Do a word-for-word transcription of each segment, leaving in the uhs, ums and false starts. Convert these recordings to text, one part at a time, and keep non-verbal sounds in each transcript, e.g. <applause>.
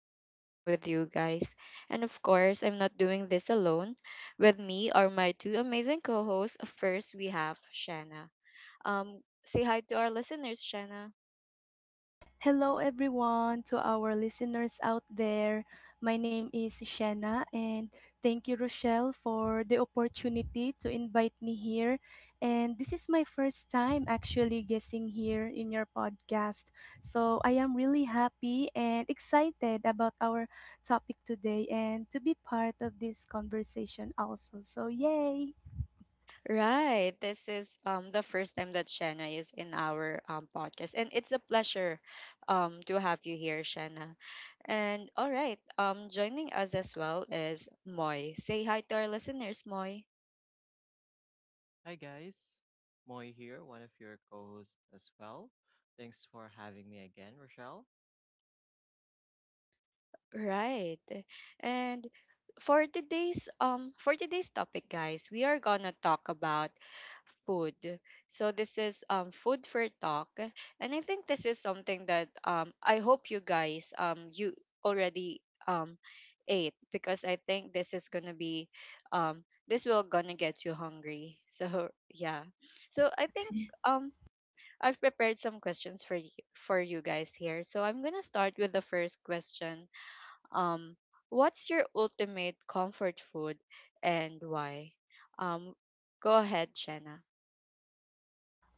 to spend time with you guys. And of course, I'm not doing this alone. With me are my two amazing co hosts. First, we have Shanna. Um, say hi to our listeners, Shanna. Hello, everyone, to our listeners out there. My name is Shanna, and thank you, Rochelle, for the opportunity to invite me here. And this is my first time actually guessing here in your podcast. So I am really happy and excited about our topic today and to be part of this conversation also. So, yay! Right, this is um, the first time that Shanna is in our um, podcast, and it's a pleasure um, to have you here, Shanna. And all right, um, joining us as well is Moy. Say hi to our listeners, Moy. Hi guys, Moy here, one of your co-hosts as well. Thanks for having me again, Rochelle. Right. And for today's um for today's topic, guys, we are going to talk about food. So this is um food for talk, and I think this is something that um I hope you guys um you already um ate, because I think this is going to be um this will going to get you hungry. <laughs> So yeah. So I think um I've prepared some questions for you, for you guys here. So I'm going to start with the first question um, what's your ultimate comfort food and why? Um, go ahead, Shanna.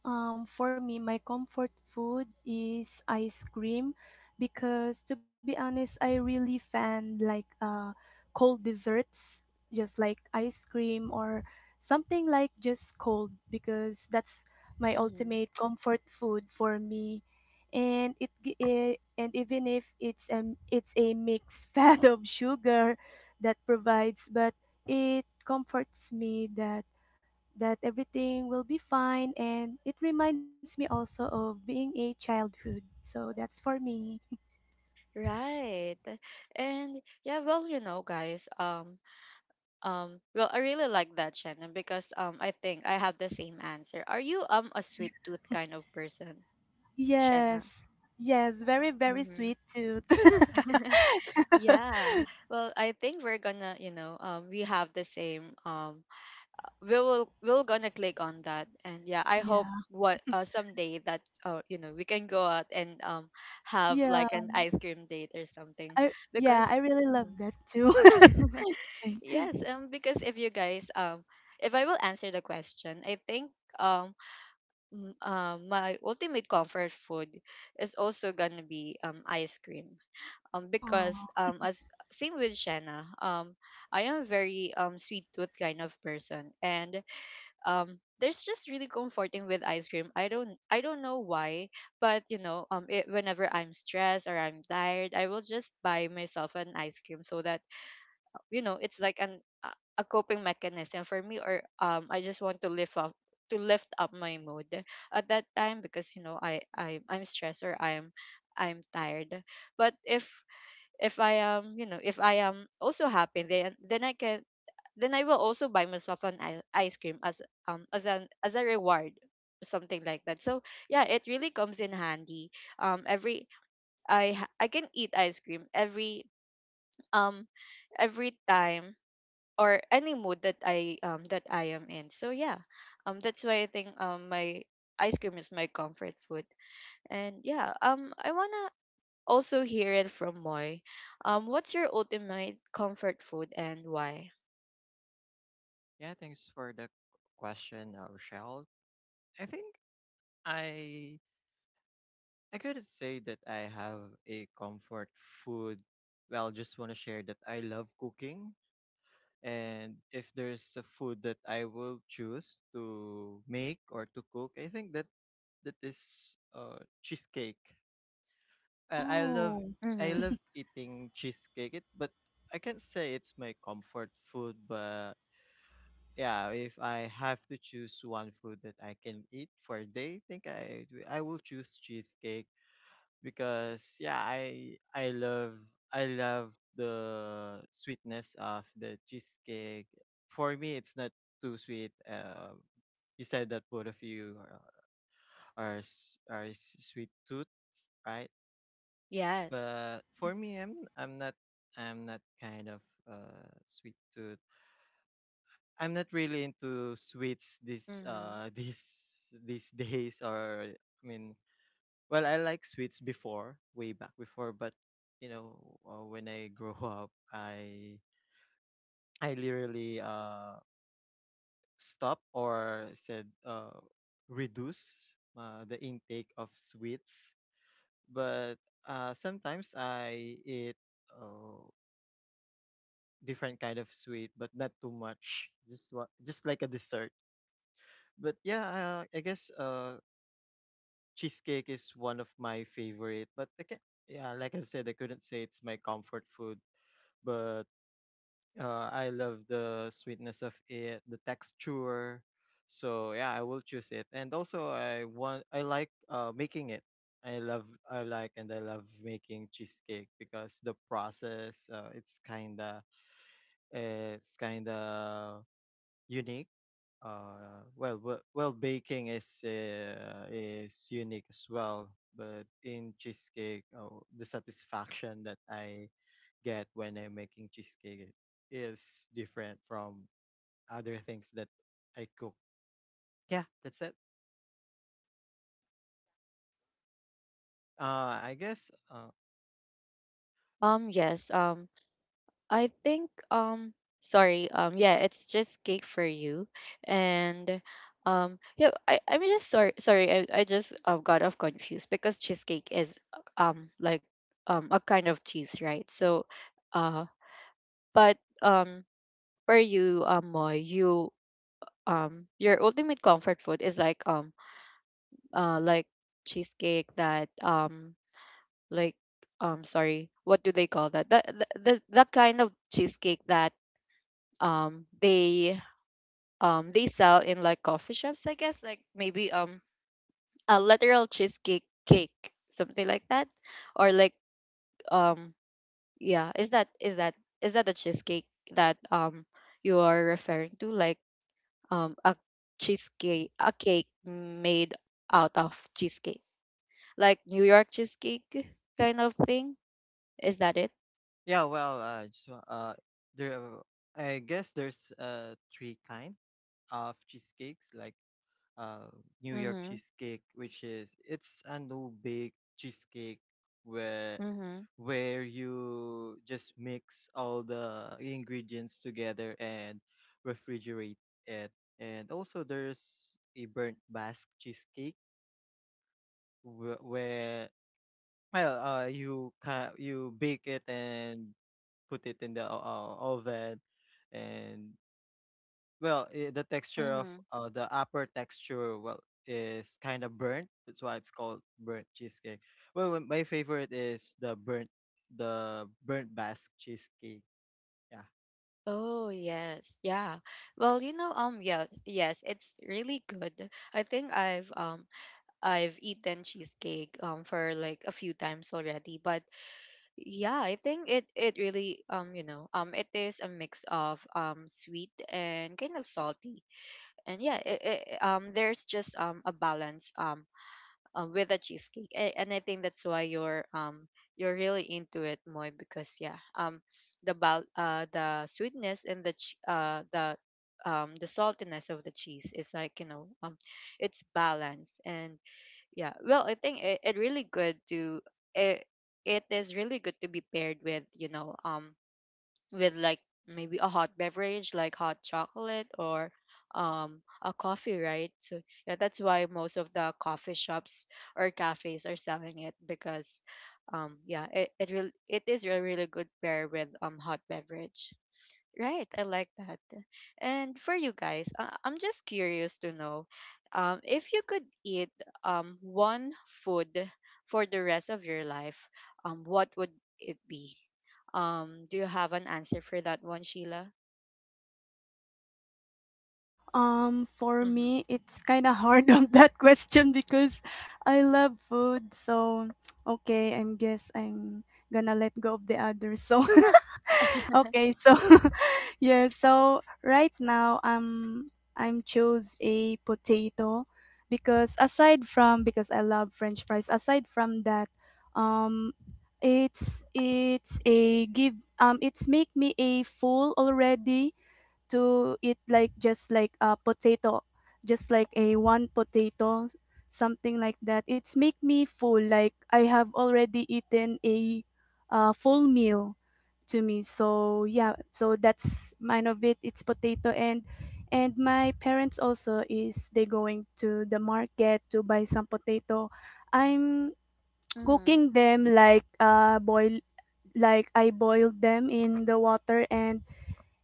Um, for me, my comfort food is ice cream because to be honest, I really fan like uh, cold desserts, just like ice cream or something like just cold because that's my Mm-hmm. ultimate comfort food for me. And it, gi- eh, and even if it's a it's a mixed <laughs> fat of sugar that provides, but it comforts me that that everything will be fine and it reminds me also of being a childhood. So that's for me. Right. And yeah, well, you know, guys, um, um, well, I really like that, Shanna, because um, I think I have the same answer. Are you um a sweet tooth kind of person, Shanna? Yes. Yes, very very Mm-hmm. sweet tooth. <laughs> <laughs> Yeah. Well, I think we're gonna, you know, um, we have the same um we will we're gonna click on that. And yeah, I hope Yeah. what uh, someday that uh, you know, we can go out and um have Yeah. like an ice cream date or something, I yeah, because I really love Mhm. that too. <laughs> yes, um because if you guys um if I will answer the question, I think um m- uh, my ultimate comfort food is also gonna be um ice cream, um because Oh. um as same with Shanna, um I am very um sweet tooth kind of person, and um there's just really comforting with ice cream. I don't i don't know why, but you know, um it, whenever I'm stressed or I'm tired, I will just buy myself an ice cream, so that you know, it's like an a a coping mechanism for me. Or um I just want to lift up to lift up my mood at that time, because you know, i, I i'm stressed or i'm I'm tired. But if if I am, you know, if I am also happy, then then I can, then I will also buy myself an i- ice cream as um as an as a reward, something like that. So yeah, it really comes in handy. Um, every I ha- I can eat ice cream every um every time, or any mood that I um that I am in. So yeah, um that's why I think um my ice cream is my comfort food. And yeah, um I wanna also hear it from Moy. Um, what's your ultimate comfort food and why? Yeah, thanks for the question, uh, Rochelle. I think I I could say that I have a comfort food. Well, just want to share that I love cooking, and if there's a food that I will choose to make or to cook, I think that that is uh cheesecake. Uh, I love Oh. I Mm-hmm. love eating cheesecake, it, but I can't say it's my comfort food. But yeah, if I have to choose one food that I can eat for a day, I think I I will choose cheesecake because yeah, I I love I love the sweetness of the cheesecake. For me, it's not too sweet. Uh, you said that both of you are are, s- are s- sweet tooth, right? Yes. But for me, I'm I'm not I'm not kind of uh sweet tooth. I'm not really into sweets this Mm-hmm. uh <laughs> these these days or I mean, well, I like sweets before, way back before, but you know, uh, when I grow <laughs> up, I I literally uh stop or said uh reduce uh, the intake of sweets. But uh sometimes I eat uh, different kind of sweet, but not too much. Just what, just like a dessert. But yeah, I, I guess uh, cheesecake is one of my favorite. But I can, yeah, like I've said, I couldn't say it's my comfort food, but uh, I love the sweetness of it, the texture. So yeah, I will choose it. And also, I want, I like uh, making it. I love, I like, and I love making cheesecake because the process, uh, it's kinda, it's kinda unique. Uh, well, well, well, baking is uh, is unique as well. But in cheesecake, oh, the satisfaction that I get when I'm making cheesecake is different from other things that I cook. Yeah, that's it. Uh, I guess. Uh, Um, yes. Um, I think um sorry, um yeah, it's just cake for you. And um yeah, I, I'm just sorry sorry, I, I just uh, got off confused, because cheesecake is um like um a kind of cheese, right? So uh but um for you, um Moy, you um your ultimate comfort food is like um uh like cheesecake that um like um sorry, what do they call that that, the, the, the kind of cheesecake that um they um they sell in like coffee shops, I guess, like maybe um a literal cheesecake cake, something like that, or like um yeah, is that is that is that the cheesecake that um you are referring to, like um a cheesecake, a cake made out of cheesecake, like New York cheesecake kind of thing. Is that it? yeah. Well, uh, just, wa- uh, there. I guess there's uh three kind of cheesecakes. Like uh, New York Mm-hmm. cheesecake, which is it's a no bake cheesecake where Mm-hmm. where you just mix all the ingredients together and refrigerate it. And also there's a burnt Basque cheesecake wh- where well uh, you ca- you bake it and put it in the o- o- oven. and Well, eh, the texture of Mm-hmm. uh, the upper texture, well, is kind of burnt. That's why it's called burnt cheesecake. Well, when- my favorite is the burnt, the burnt Basque cheesecake. Yeah, Oh yes, yeah. Well, you know, um, yeah, yes, it's really good. I think I've um I've eaten cheesecake um for like a few times already, but yeah, I think it it really um you know, um it is a mix of um sweet and kind of salty, and yeah, it, it, um there's just um a balance um um, with a cheesecake. A- And I think that's why you're um you're really into it, Moy, because yeah, um the bal- uh the sweetness and the ch- uh the um the saltiness of the cheese is like, you know, um it's balanced, and yeah. Well, I think it, it really good to it, it is really good to be paired with, you know, um with like maybe a hot beverage like hot chocolate or um a coffee, right? So yeah, that's why most of the coffee shops or cafes are selling it, because um yeah, it it, really, it is a really good pair with um hot beverage. Right, I like that. And for you guys, uh, I'm just curious to know, um, if you could eat um, one food for the rest of your life, um, what would it be? Um, do you have an answer for that one, Sheila? Um, for Mm-hmm. me, it's kind of hard <laughs> of that question because I love food. So, okay, I guess I'm gonna let go of the others. So, <laughs> <laughs> okay, so <laughs> yeah, so right now um I'm chose a potato because aside from because I love French fries. Aside from that, um, it's it's a give um it's make me a full already to eat like just like a potato, just like a one potato, something like that. It's make me full. Like I have already eaten a uh, full meal to me. So yeah, so that's mine of it. It's potato and and my parents also is they going to the market to buy some potato. I'm Mm-hmm. cooking them like uh boil like I boiled them in the water and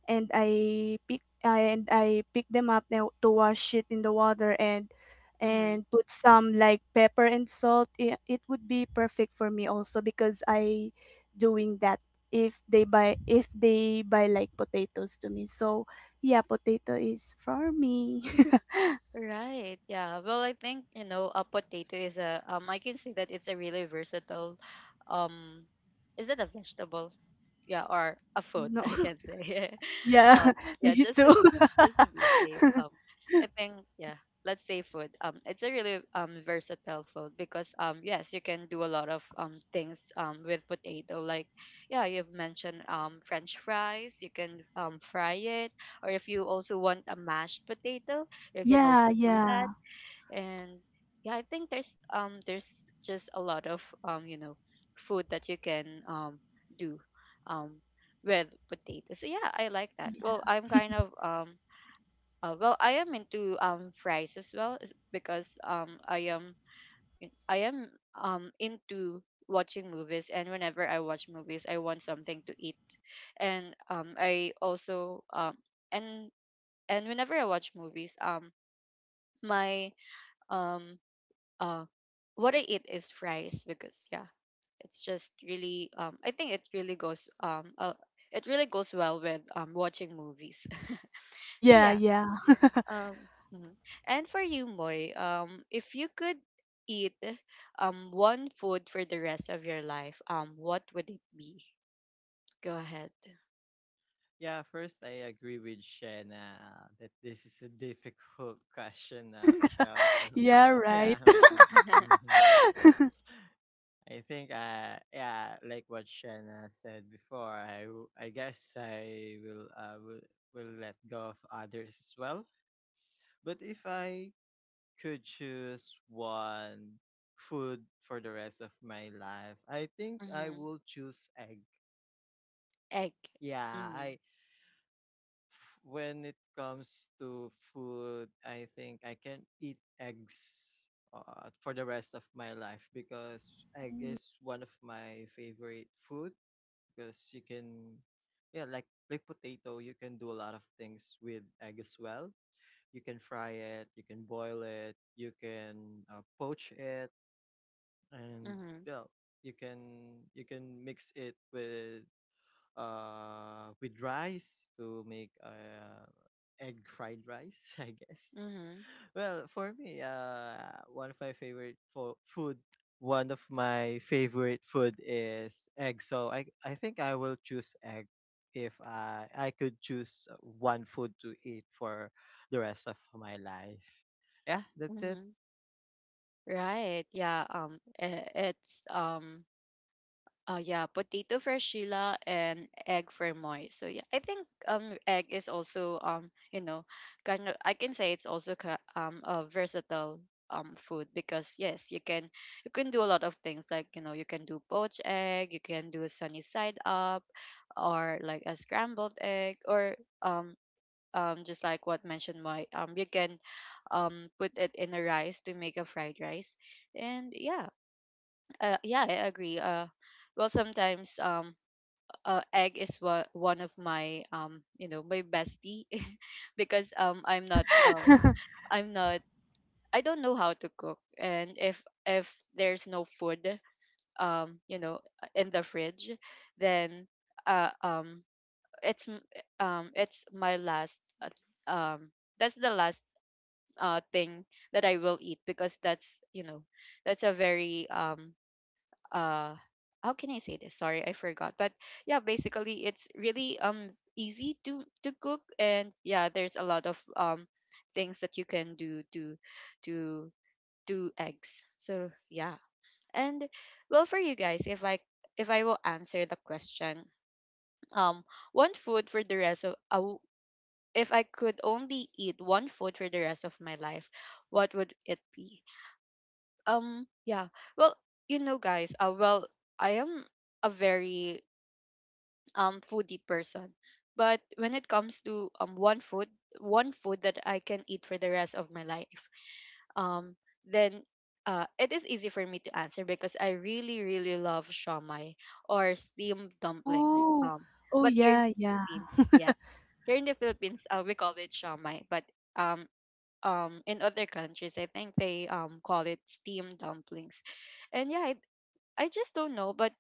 and I pick and I pick them up now to wash it in the water and Mm-hmm. and put some like pepper and salt. It, it would be perfect for me also because I doing that if they buy if they buy like potatoes to me. So yeah, potato is for me. Right. Yeah. Well, I think, you know, a potato is a um I can say that it's a really versatile um is it a vegetable? Yeah, or a food, <laughs> <laughs> I No, can say. <laughs> um yeah, <laughs> yeah, me just too. to just to be safe. <laughs> Um I think, yeah, let's say food. Um it's a really um versatile food, because um yes, you can do a lot of um things um with potato, like yeah, you've mentioned um french fries, you can um fry it, or if you also want a mashed potato, you can Yeah, also do that. yeah, And yeah, I think there's um there's just a lot of um you know, food that you can um do um with potatoes. So yeah, I like that. Well, I'm kind of um uh, well, I am into um fries as well, is- because um i am I am um into watching movies, and whenever I watch movies, I want something to eat. And um I also um and and whenever I watch movies, um my um uh what I eat is fries, because yeah, it's just really um I think it really goes um uh, it really goes well with um watching movies. <laughs> So yeah, yeah, yeah, um mhm. And for you, Moy, um if you could eat um one food for the rest of your life, um what would it be? Go ahead. yeah. First, I agree with Shena that this is a difficult <laughs> question, uh, Shell. So, <laughs> yeah. <laughs> yeah, Right. <laughs> mm, mm, <laughs> mhm. I think, uh, yeah, like what Shena said before, I, w- I guess I will, uh, will, will let go of others as well. But if I could choose one food for the rest of my life, I think I Hmm. will choose egg. Egg. Yeah, Mm-hmm. I when it comes to food, I think I can eat eggs uh, for the rest of my life because egg is one of my favorite food because you can yeah, like like potato, you can do a lot of things with egg as well. You can fry it, you can boil it, you can uh, poach it, and Mm-hmm. yeah you can you can mix it with uh with rice to make uh egg fried rice <laughs> I guess. Mm-hmm. Well, for me, uh one of my favorite fo- food one of my favorite food is egg, so i i think I will choose egg if i i could choose one food to eat for the rest of my life. Yeah, that's it. Mm-hmm. Right. Yeah. Um. I- It's um. Oh yeah, potato for Sheila and egg for Moy. So yeah, I think um egg is also um you know, kind of, I can say it's also ki- um a versatile um food, because yes, you can you can do a lot of things like, you know, you can do poached egg, you can do sunny side up, or like a scrambled egg, or um um just like what mentioned Moy, um you can um put it in a rice to make a fried rice, and yeah, uh, yeah, I agree. Uh, well, sometimes um, uh, egg is one one of my, um, you know, my bestie, <laughs> because um, I'm not um, I'm not, I don't know how to cook, and if if there's no food, um, you know, in the fridge, then uh, um, it's m- um, it's my last uh, um, that's the last uh thing that I will eat, because that's, you know, that's a very um uh how can I say this? Sorry, I forgot. But yeah, basically it's really um easy to to cook, and yeah, there's a lot of um things that you can do to to do eggs. So yeah. And well, for you guys, if I if I will answer the question, um one food for the rest of I w- if I could only eat one food for the rest of my life, what would it be? Um yeah well you know guys uh well I am a very um foodie person, but when it comes to um one food, one food that I can eat for the rest of my life, um then uh it is easy for me to answer because I really really love shawmai or steamed dumplings. Oh, um oh But here in yeah, the yeah. Philippines, yes, here in the Philippines, uh, we call it shawmai, but um um in other countries I think they um call it steam dumplings. And yeah I, I just don't know, but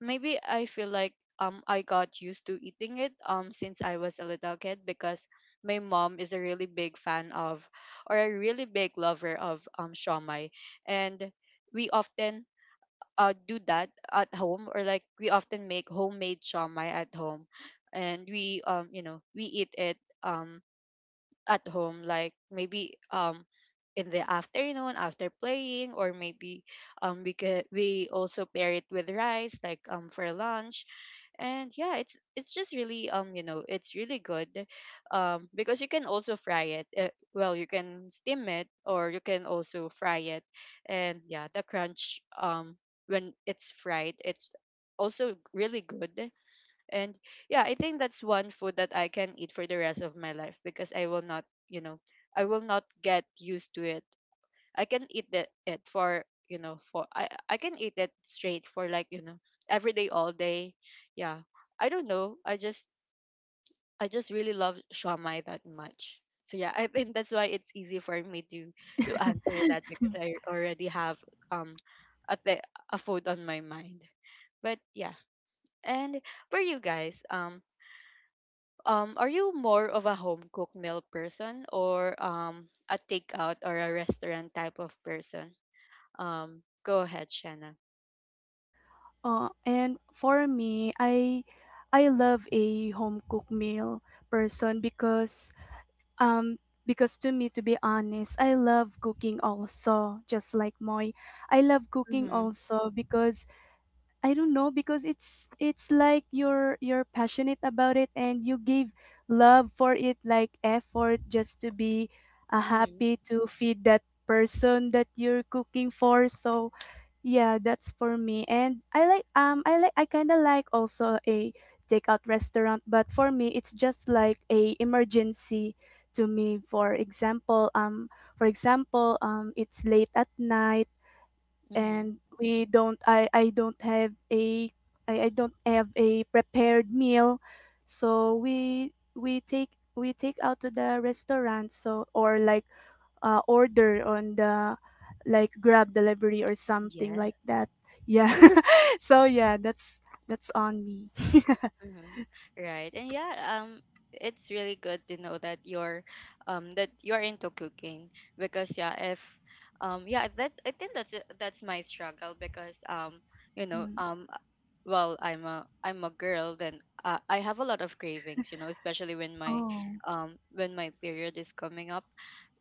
maybe I feel like um I got used to eating it um since I was a little kid because my mom is a really big fan of, or a really big lover of, um shawmai. And we often uh do that at home, or like we often make homemade shawmai at home. And we, um you know we eat it um at home, like maybe um in the afternoon after playing, or maybe um we could we also pair it with rice, like um for lunch. And yeah, it's it's just really, um you know it's really good, um because you can also fry it. Uh, well you can steam it or you can also fry it. And yeah, the crunch, um when it's fried, it's also really good. And yeah, I think that's one food that I can eat for the rest of my life because I will not, you know, I will not get used to it. I can eat that it for, you know, for I I can eat it straight for, like, you know, every day all day. Yeah. I don't know. I just I just really love shawmai that much. So yeah, I think that's why it's easy for me to to <laughs> answer that because I already have um a, th- a food on my mind. But yeah, and for you guys, um, Um, are you more of a home cooked meal person, or um, a takeout or a restaurant type of person? Um, go ahead, Shanna. Uh, and for me, I I love a home cooked meal person because um because to me to be honest, I love cooking also, just like Moy. I love cooking Mm-hmm, also because I don't know because it's it's like you're you're passionate about it and you give love for it like effort just to be uh, mm-hmm, happy to feed that person that you're cooking for. So yeah, that's for me. And I like um I like I kind of like also a takeout restaurant, but for me it's just like a emergency to me. For example, um for example, um it's late at night mm-hmm. and we don't I I don't have a I, I don't have a prepared meal. So we we take we take out to the restaurant so or like uh, order on the like grab delivery or something like Yes. that. Yeah, <laughs> so yeah that's that's on me. <laughs> Mm-hmm. Right. And yeah, um it's really good to know that you're um that you're into cooking because yeah, if um yeah, that I think that's it- that's my struggle because um you know, Mm. um well, I'm a I'm a girl then uh, I have a lot of cravings, you know, especially when my Oh, um when my period is coming up.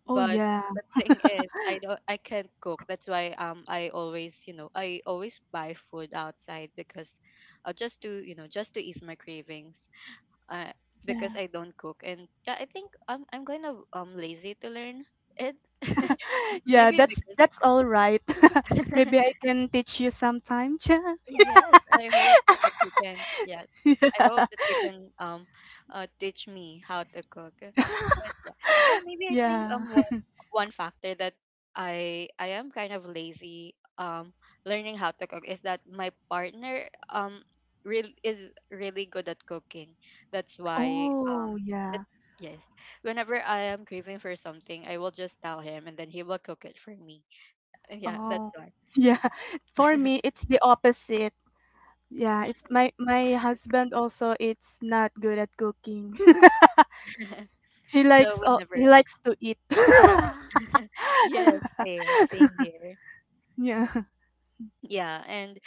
oh But yeah, the thing is, I don't, I can't cook. That's why, um, I always, you know, I always buy food outside because, uh, just to, you know, just to ease my cravings. Uh, yeah. because I don't cook, and yeah, I think I'm I'm kind of um lazy to learn it. <laughs> <laughs> Yeah, Maybe that's because that's all right. <laughs> Maybe <laughs> I can teach you sometime, Cha. yes, I hope that you can. Yes, I <laughs> hope that you can um uh, teach me how to cook. Uh, But yeah, well, maybe I think Yeah. um one one factor that I I am kind of lazy um learning how to cook is that my partner um real is really good at cooking. That's why Oh um yeah. that's yes. Whenever I am craving for something, I will just tell him, and then he will cook it for me. Uh, Yeah, that's Oh why. yeah. <laughs> For me it's the opposite. Yeah, it's my my husband also it's not good at cooking. <laughs> <laughs> He So likes all whenever. he likes to eat. <laughs> <laughs> Yes, same, same here. Yeah. Yeah, and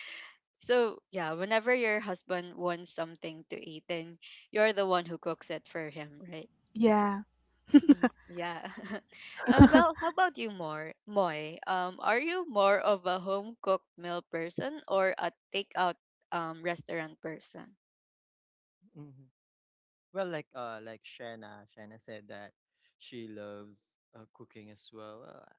so yeah, whenever your husband wants something to eat, then you're the one who cooks it for him, right? Yeah. Mhm, yeah. <laughs> Uh, well, how about you, more Moy? Um, are you more of a home cooked meal person or a takeout um restaurant person? Mhm. Well, like uh, like Shanna, Shanna said that she loves uh, cooking as well. Uh,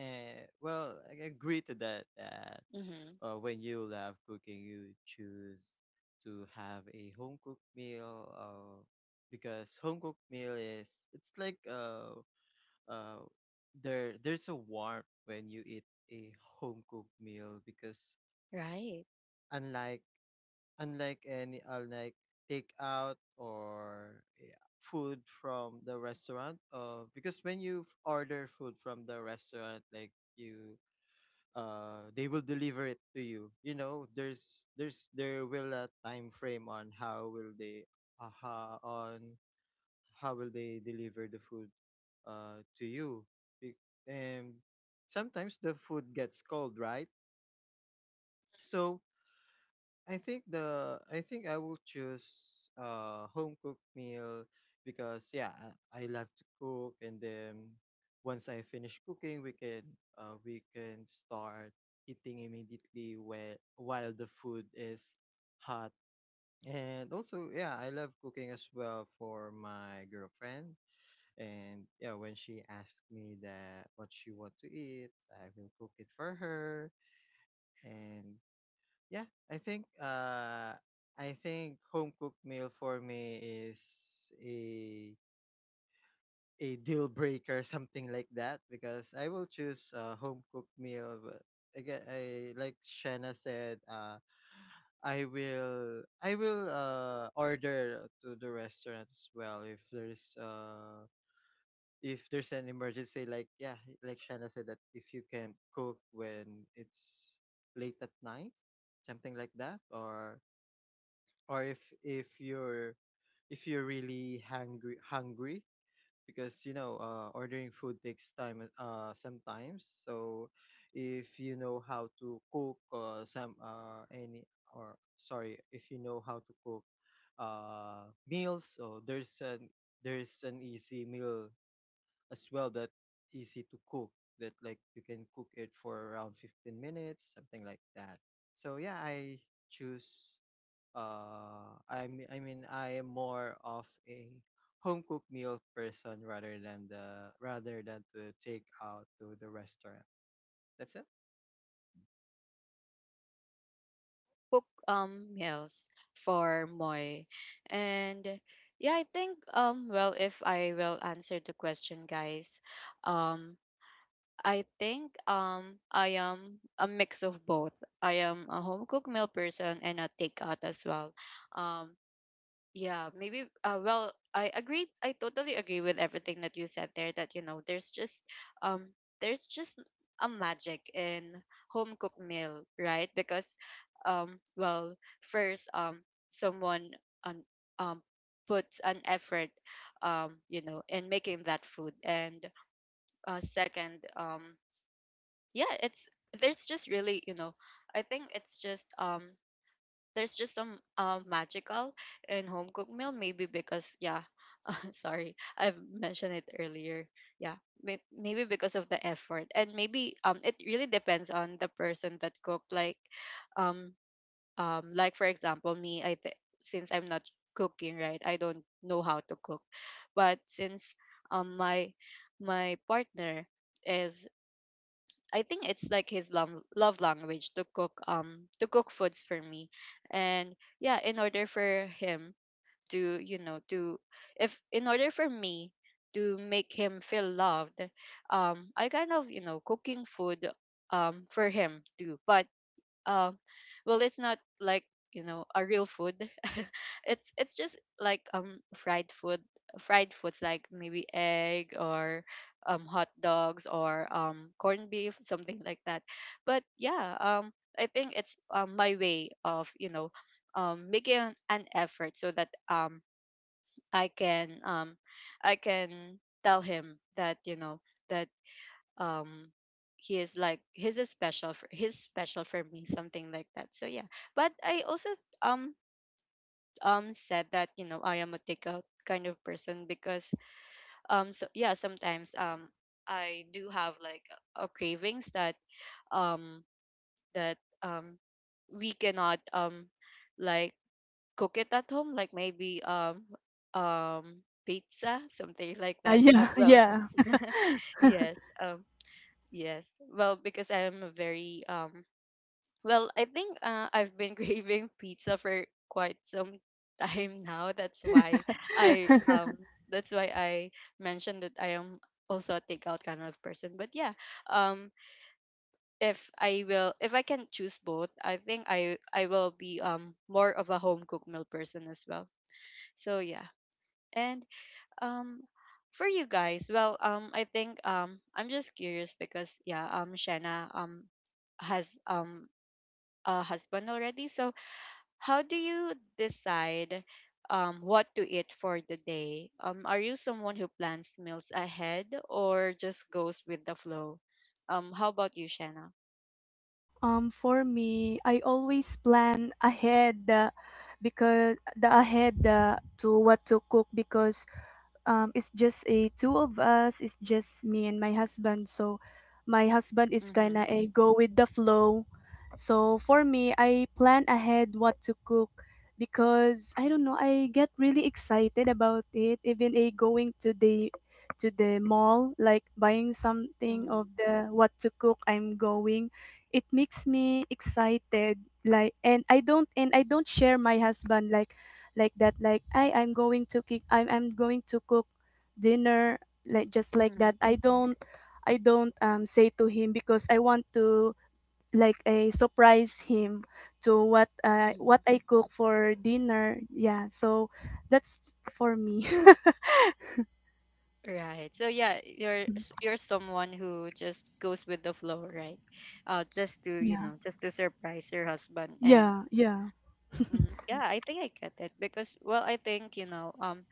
and well, I agree to that. That Mm-hmm. uh, when you love cooking, you choose to have a home cooked meal. Uh, because home cooked meal is it's like uh uh, there there's a warmth when you eat a home cooked meal because Right. unlike unlike any unlike takeout or eh, food from the restaurant uh, because when you f- order food from the restaurant like you uh they will deliver it to you. You know, there's there's there will a time frame on how will they uh, on how will they deliver the food uh, to you. Be- and sometimes the food gets cold, right? So I think the i think I will choose uh home cooked meal because yeah, i, I love to cook, and then once I finish cooking we can uh, we can start eating immediately while while the food is hot. And also, yeah, I love cooking as well for my girlfriend, and yeah, when she asked me that what she want to eat, I will cook it for her. And yeah, I think uh I think home cooked meal for me is a a deal breaker, <laughs> something like that, because I will choose a home cooked meal. But again, I like Shanna said, uh, I will I will uh order to the restaurant as well if there's uh if there's an emergency, like yeah, like Shanna said that if you can cook when it's late at night, something like that, or or if if you're if you're really hungry hungry because you know, uh, ordering food takes time uh, sometimes. So if you know how to cook uh, some uh, any or sorry, if you know how to cook uh, meals, so there's an there's an easy meal as well that easy to cook, that like you can cook it for around fifteen minutes, something like that. So yeah, I choose uh i mean i mean I am more of a home cooked meal person rather than the rather than to take out to the restaurant. That's it. Cook um meals for Moy. And yeah, I think um well, if I will answer the question guys, um I think um I am a mix of both. I am a home cooked meal person and a takeout as well. Um yeah, maybe uh well, I agree I totally agree with everything that you said there, that you know there's just um there's just a magic in home cooked meal, right? Because um well, first um someone, um, um puts an effort, um you know, in making that food. And uh second, um yeah, it's there's just really, you know, I think it's just um there's just some um magical in home cooked meal, maybe because yeah <laughs> sorry, I've mentioned it earlier. Yeah, may- maybe because of the effort, and maybe um it really depends on the person that cook, like um um like for example me, i th- since I'm not cooking, right, I don't know how to cook. But since um my my partner is, I think it's like his love love language to cook, um to cook foods for me. And yeah, in order for him to, you know, to, if in order for me to make him feel loved, um I kind of, you know, cooking food um for him too. But um well, it's not like, you know, a real food. <laughs> it's it's just like um fried food, fried foods like maybe egg or um hot dogs or um corned beef, something like that. But yeah, um I think it's, um, my way of, you know, um making an an effort so that um I can, um i can tell him that, you know, that um he is like he's a special for, he's special for me, something like that. So yeah, but I also, um um said that, you know, I am a takeout kind of person because um so yeah, sometimes um I do have like a cravings that um that um we cannot um like cook it at home, like maybe um um pizza, something like Yeah, that. uh, yeah, well yeah. <laughs> yes um. Yes. Well, because I am a very um well, I think uh, I've been <laughs> craving pizza for quite some time now. That's why <laughs> I um that's why I mentioned that I am also a takeout kind of person. But yeah, um if I will, if I can choose both, I think I I will be um more of a home cooked meal person as well. So yeah. And um, for you guys, well, um, I think, um, I'm just curious because yeah, um, Shanna um has um a husband already. So how do you decide um what to eat for the day? Um, are you someone who plans meals ahead or just goes with the flow? Um, how about you, Shanna? Um, for me, I always plan ahead the because the ahead the to what to cook because um, it's just a two of us. It's just me and my husband. So my husband is Mm-hmm. kind of a go with the flow. So for me, I plan ahead what to cook because I don't know. I get really excited about it. Even a going to the to the mall, like buying something Mm-hmm. of the what to cook. I'm going. It makes me excited. Like and I don't and I don't share my husband like like that like I I'm going to kick I'm I'm going to cook dinner like just like Mm-hmm. that. I don't I don't um say to him because I want to like a surprise him to what uh, Mm-hmm. what I cook for dinner. Yeah, so that's for me. <laughs> Right. So yeah, you're s- you're someone who just goes with the flow, right? Uh, just to, you Yeah. know, just to surprise your husband, and Yeah, yeah. mm, yeah, I think I get it because well, I think, you know, um,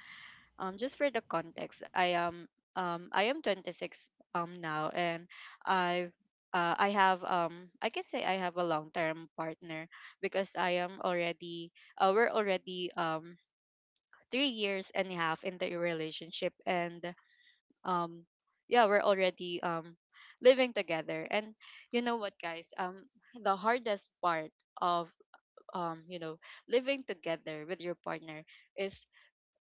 um, just for the context, I am um, I am twenty-six um now, and I've uh, I have, um, I can say I have a long term partner because I am already, uh, we're already, um three years and a half in the relationship, and um yeah, we're already um living together. And you know what guys, um the hardest part of, um you know, living together with your partner is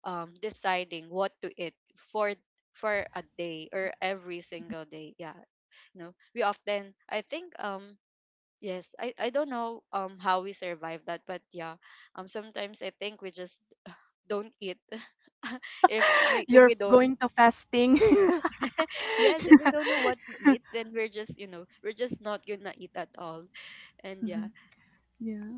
um deciding what to eat for for a day, or every single day. Yeah, you know, we often, I think um yes, i i don't know um how we survive that. But yeah, um sometimes I think we just <sighs> <laughs> don't eat <laughs> if <laughs> we, if You're we don't, going to fasting. <laughs> yes, if we don't know what to eat, then we're just, you know, we're just not gonna eat at all. And yeah, Mhm. Yeah.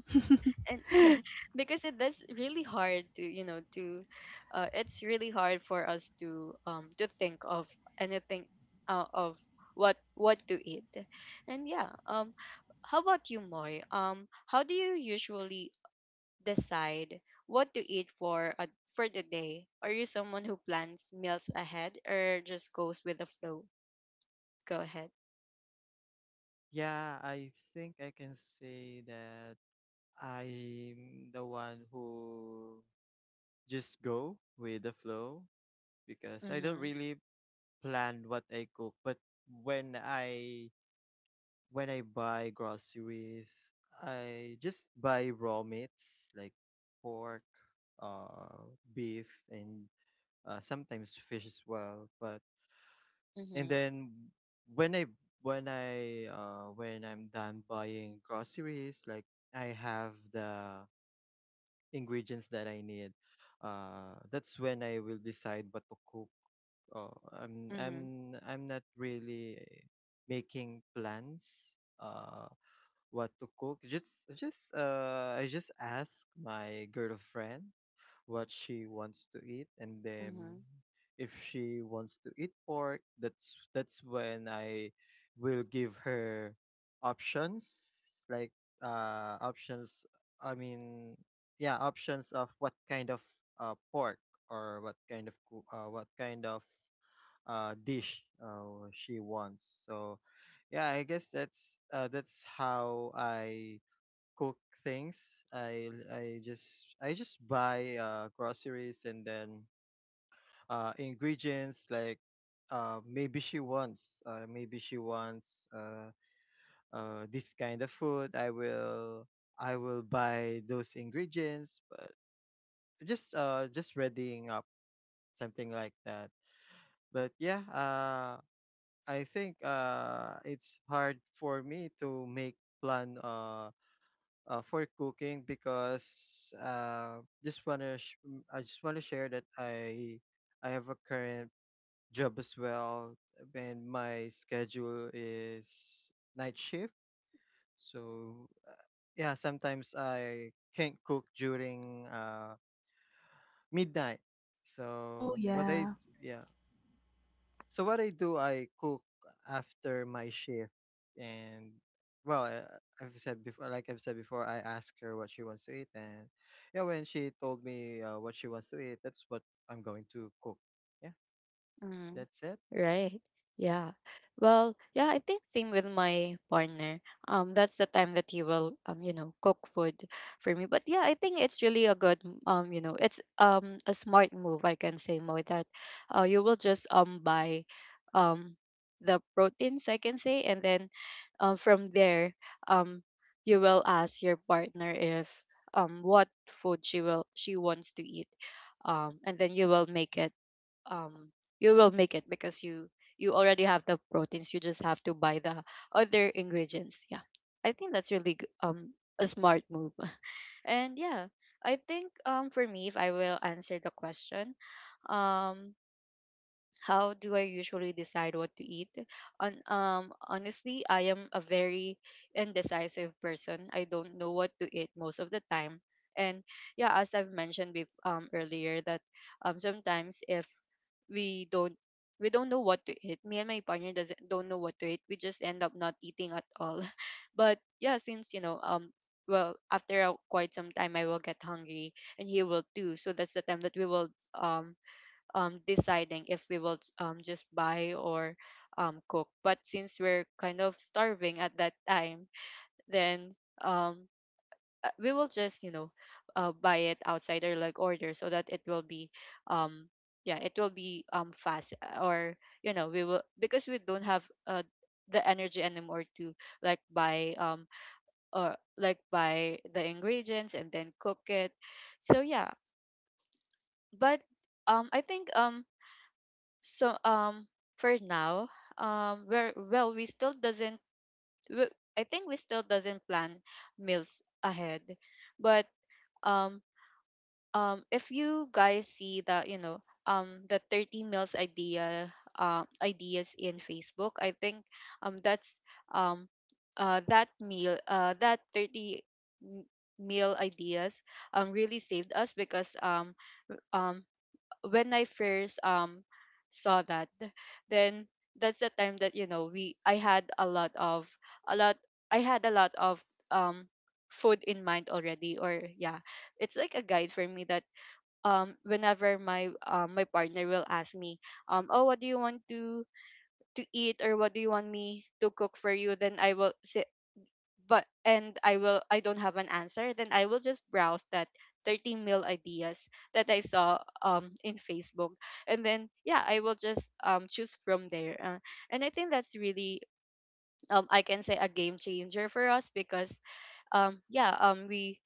and <laughs> because it, that's really hard to, you know, to, uh, it's really hard for us to, um, to think of anything, uh, of what what to eat. And yeah, um, how about you, Moy? Um, how do you usually decide what to eat for a, for the day? Are you someone who plans meals ahead or just goes with the flow? Go ahead. Yeah, I think I can say that I'm the one who just go with the flow because I don't Mm-hmm. really plan what I cook, but when I when I buy groceries, I just buy raw meats like pork, uh, beef, and uh, sometimes fish as well. But and Mhm. then when I when I uh, when I'm done buying groceries, like I have the ingredients that I need. Uh, that's when I will decide what to cook. Oh, I'm Mhm. I'm I'm not really making plans uh what to cook. Just just uh I just ask my girlfriend what she wants to eat, and then Mhm. if she wants to eat pork, that's that's when I will give her options like uh options I mean yeah, options of what kind of uh pork or what kind of coo- uh what kind of uh, dish uh, she wants. So yeah, I guess that's uh, that's how I cook things. I I just I just buy uh, groceries, and then uh, ingredients like uh, maybe she wants uh, maybe she wants uh, uh, this kind of food. I will I will buy those ingredients, but just uh just readying up, something like that. But yeah, uh I think uh, it's hard for me to make plan uh, uh, for cooking because uh, just wanna sh- m- I just wanna share that I I have a current job as well, and my schedule is night shift. So uh, yeah, sometimes I can't cook during uh, midnight. Oh, So what I d- yeah. yeah. So what I do, I cook after my shift, and well, I- I've said before, like I've said before, I ask her what she wants to eat, and yeah, when she told me uh, what she wants to eat, that's what I'm going to cook. Yeah, Mm, that's it. right. Yeah. Well, yeah, I think same with my partner. Um, that's the time that he will, um, you know, cook food for me. But yeah, I think it's really a good, um, you know, it's um a smart move, I can say more that uh you will just um buy um the proteins, I can say, and then um from there um you will ask your partner if, um what food she will she wants to eat. Um, and then you will make it, um you will make it because you you already have the proteins, you just have to buy the other ingredients. Yeah, I think that's really g- um a smart move. <laughs> And yeah, I think um for me, if I will answer the question, um how do I usually decide what to eat? On um Honestly, I am a very indecisive person. I don't know what to eat most of the time. And yeah, as I've mentioned bef- um earlier, that um sometimes if we don't, we don't know what to eat. Me and my partner doesn't don't know what to eat, we just end up not eating at all. <laughs> But yeah, since you know, um well, after a, quite some time, I will get hungry and he will too. So that's the time that we will, um um, deciding if we will, um, just buy or, um, cook. But since we're kind of starving at that time, then, um, uh, we will just, you know, uh, buy it outside or like order, so that it will be, um, yeah, it will be, um, fast, uh, or you know, we will, because we don't have, uh, the energy anymore to like buy um or like buy the ingredients and then cook it. So yeah, but um I think um so um for now, um we're, well, we still doesn't, we, I think we still doesn't plan meals ahead. But um um if you guys see the, you know, um the thirty meals idea, uh, ideas in Facebook, I think um that's, um uh that meal, uh that thirty m- meal ideas um really saved us because, um um when I first um saw that, then that's the time that you know, we I had a lot of, a lot, I had a lot of um food in mind already. Or yeah, it's like a guide for me that um whenever my um my partner will ask me, um oh, what do you want to to eat, or what do you want me to cook for you, then I will say, but and I will, I don't have an answer, then I will just browse that thirty mil ideas that I saw um in Facebook, and then Yeah. yeah, I will just um choose from there. Uh, and I think that's really um I can say a game changer for us because um yeah um we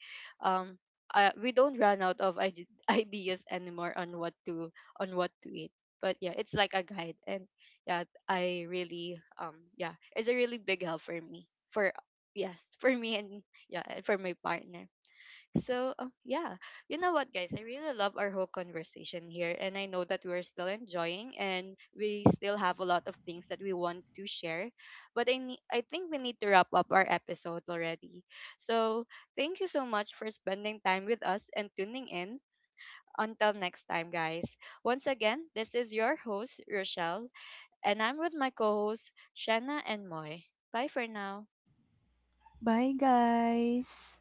um uh, we don't run out of ide- <laughs> ideas anymore on what to on what to eat. But yeah, it's like a guide, and yeah, I really um yeah, it's a really big help for me, for yes, for me, and yeah, and for my partner. So um, yeah, you know what, guys? I really love our whole conversation here, and I know that we're still enjoying, and we still have a lot of things that we want to share. But I ne- I think we need to wrap up our episode already. So thank you so much for spending time with us and tuning in. Until next time, guys. Once again, this is your host Rochelle, and I'm with my co-hosts Shanna and Moy. Bye for now. Bye guys.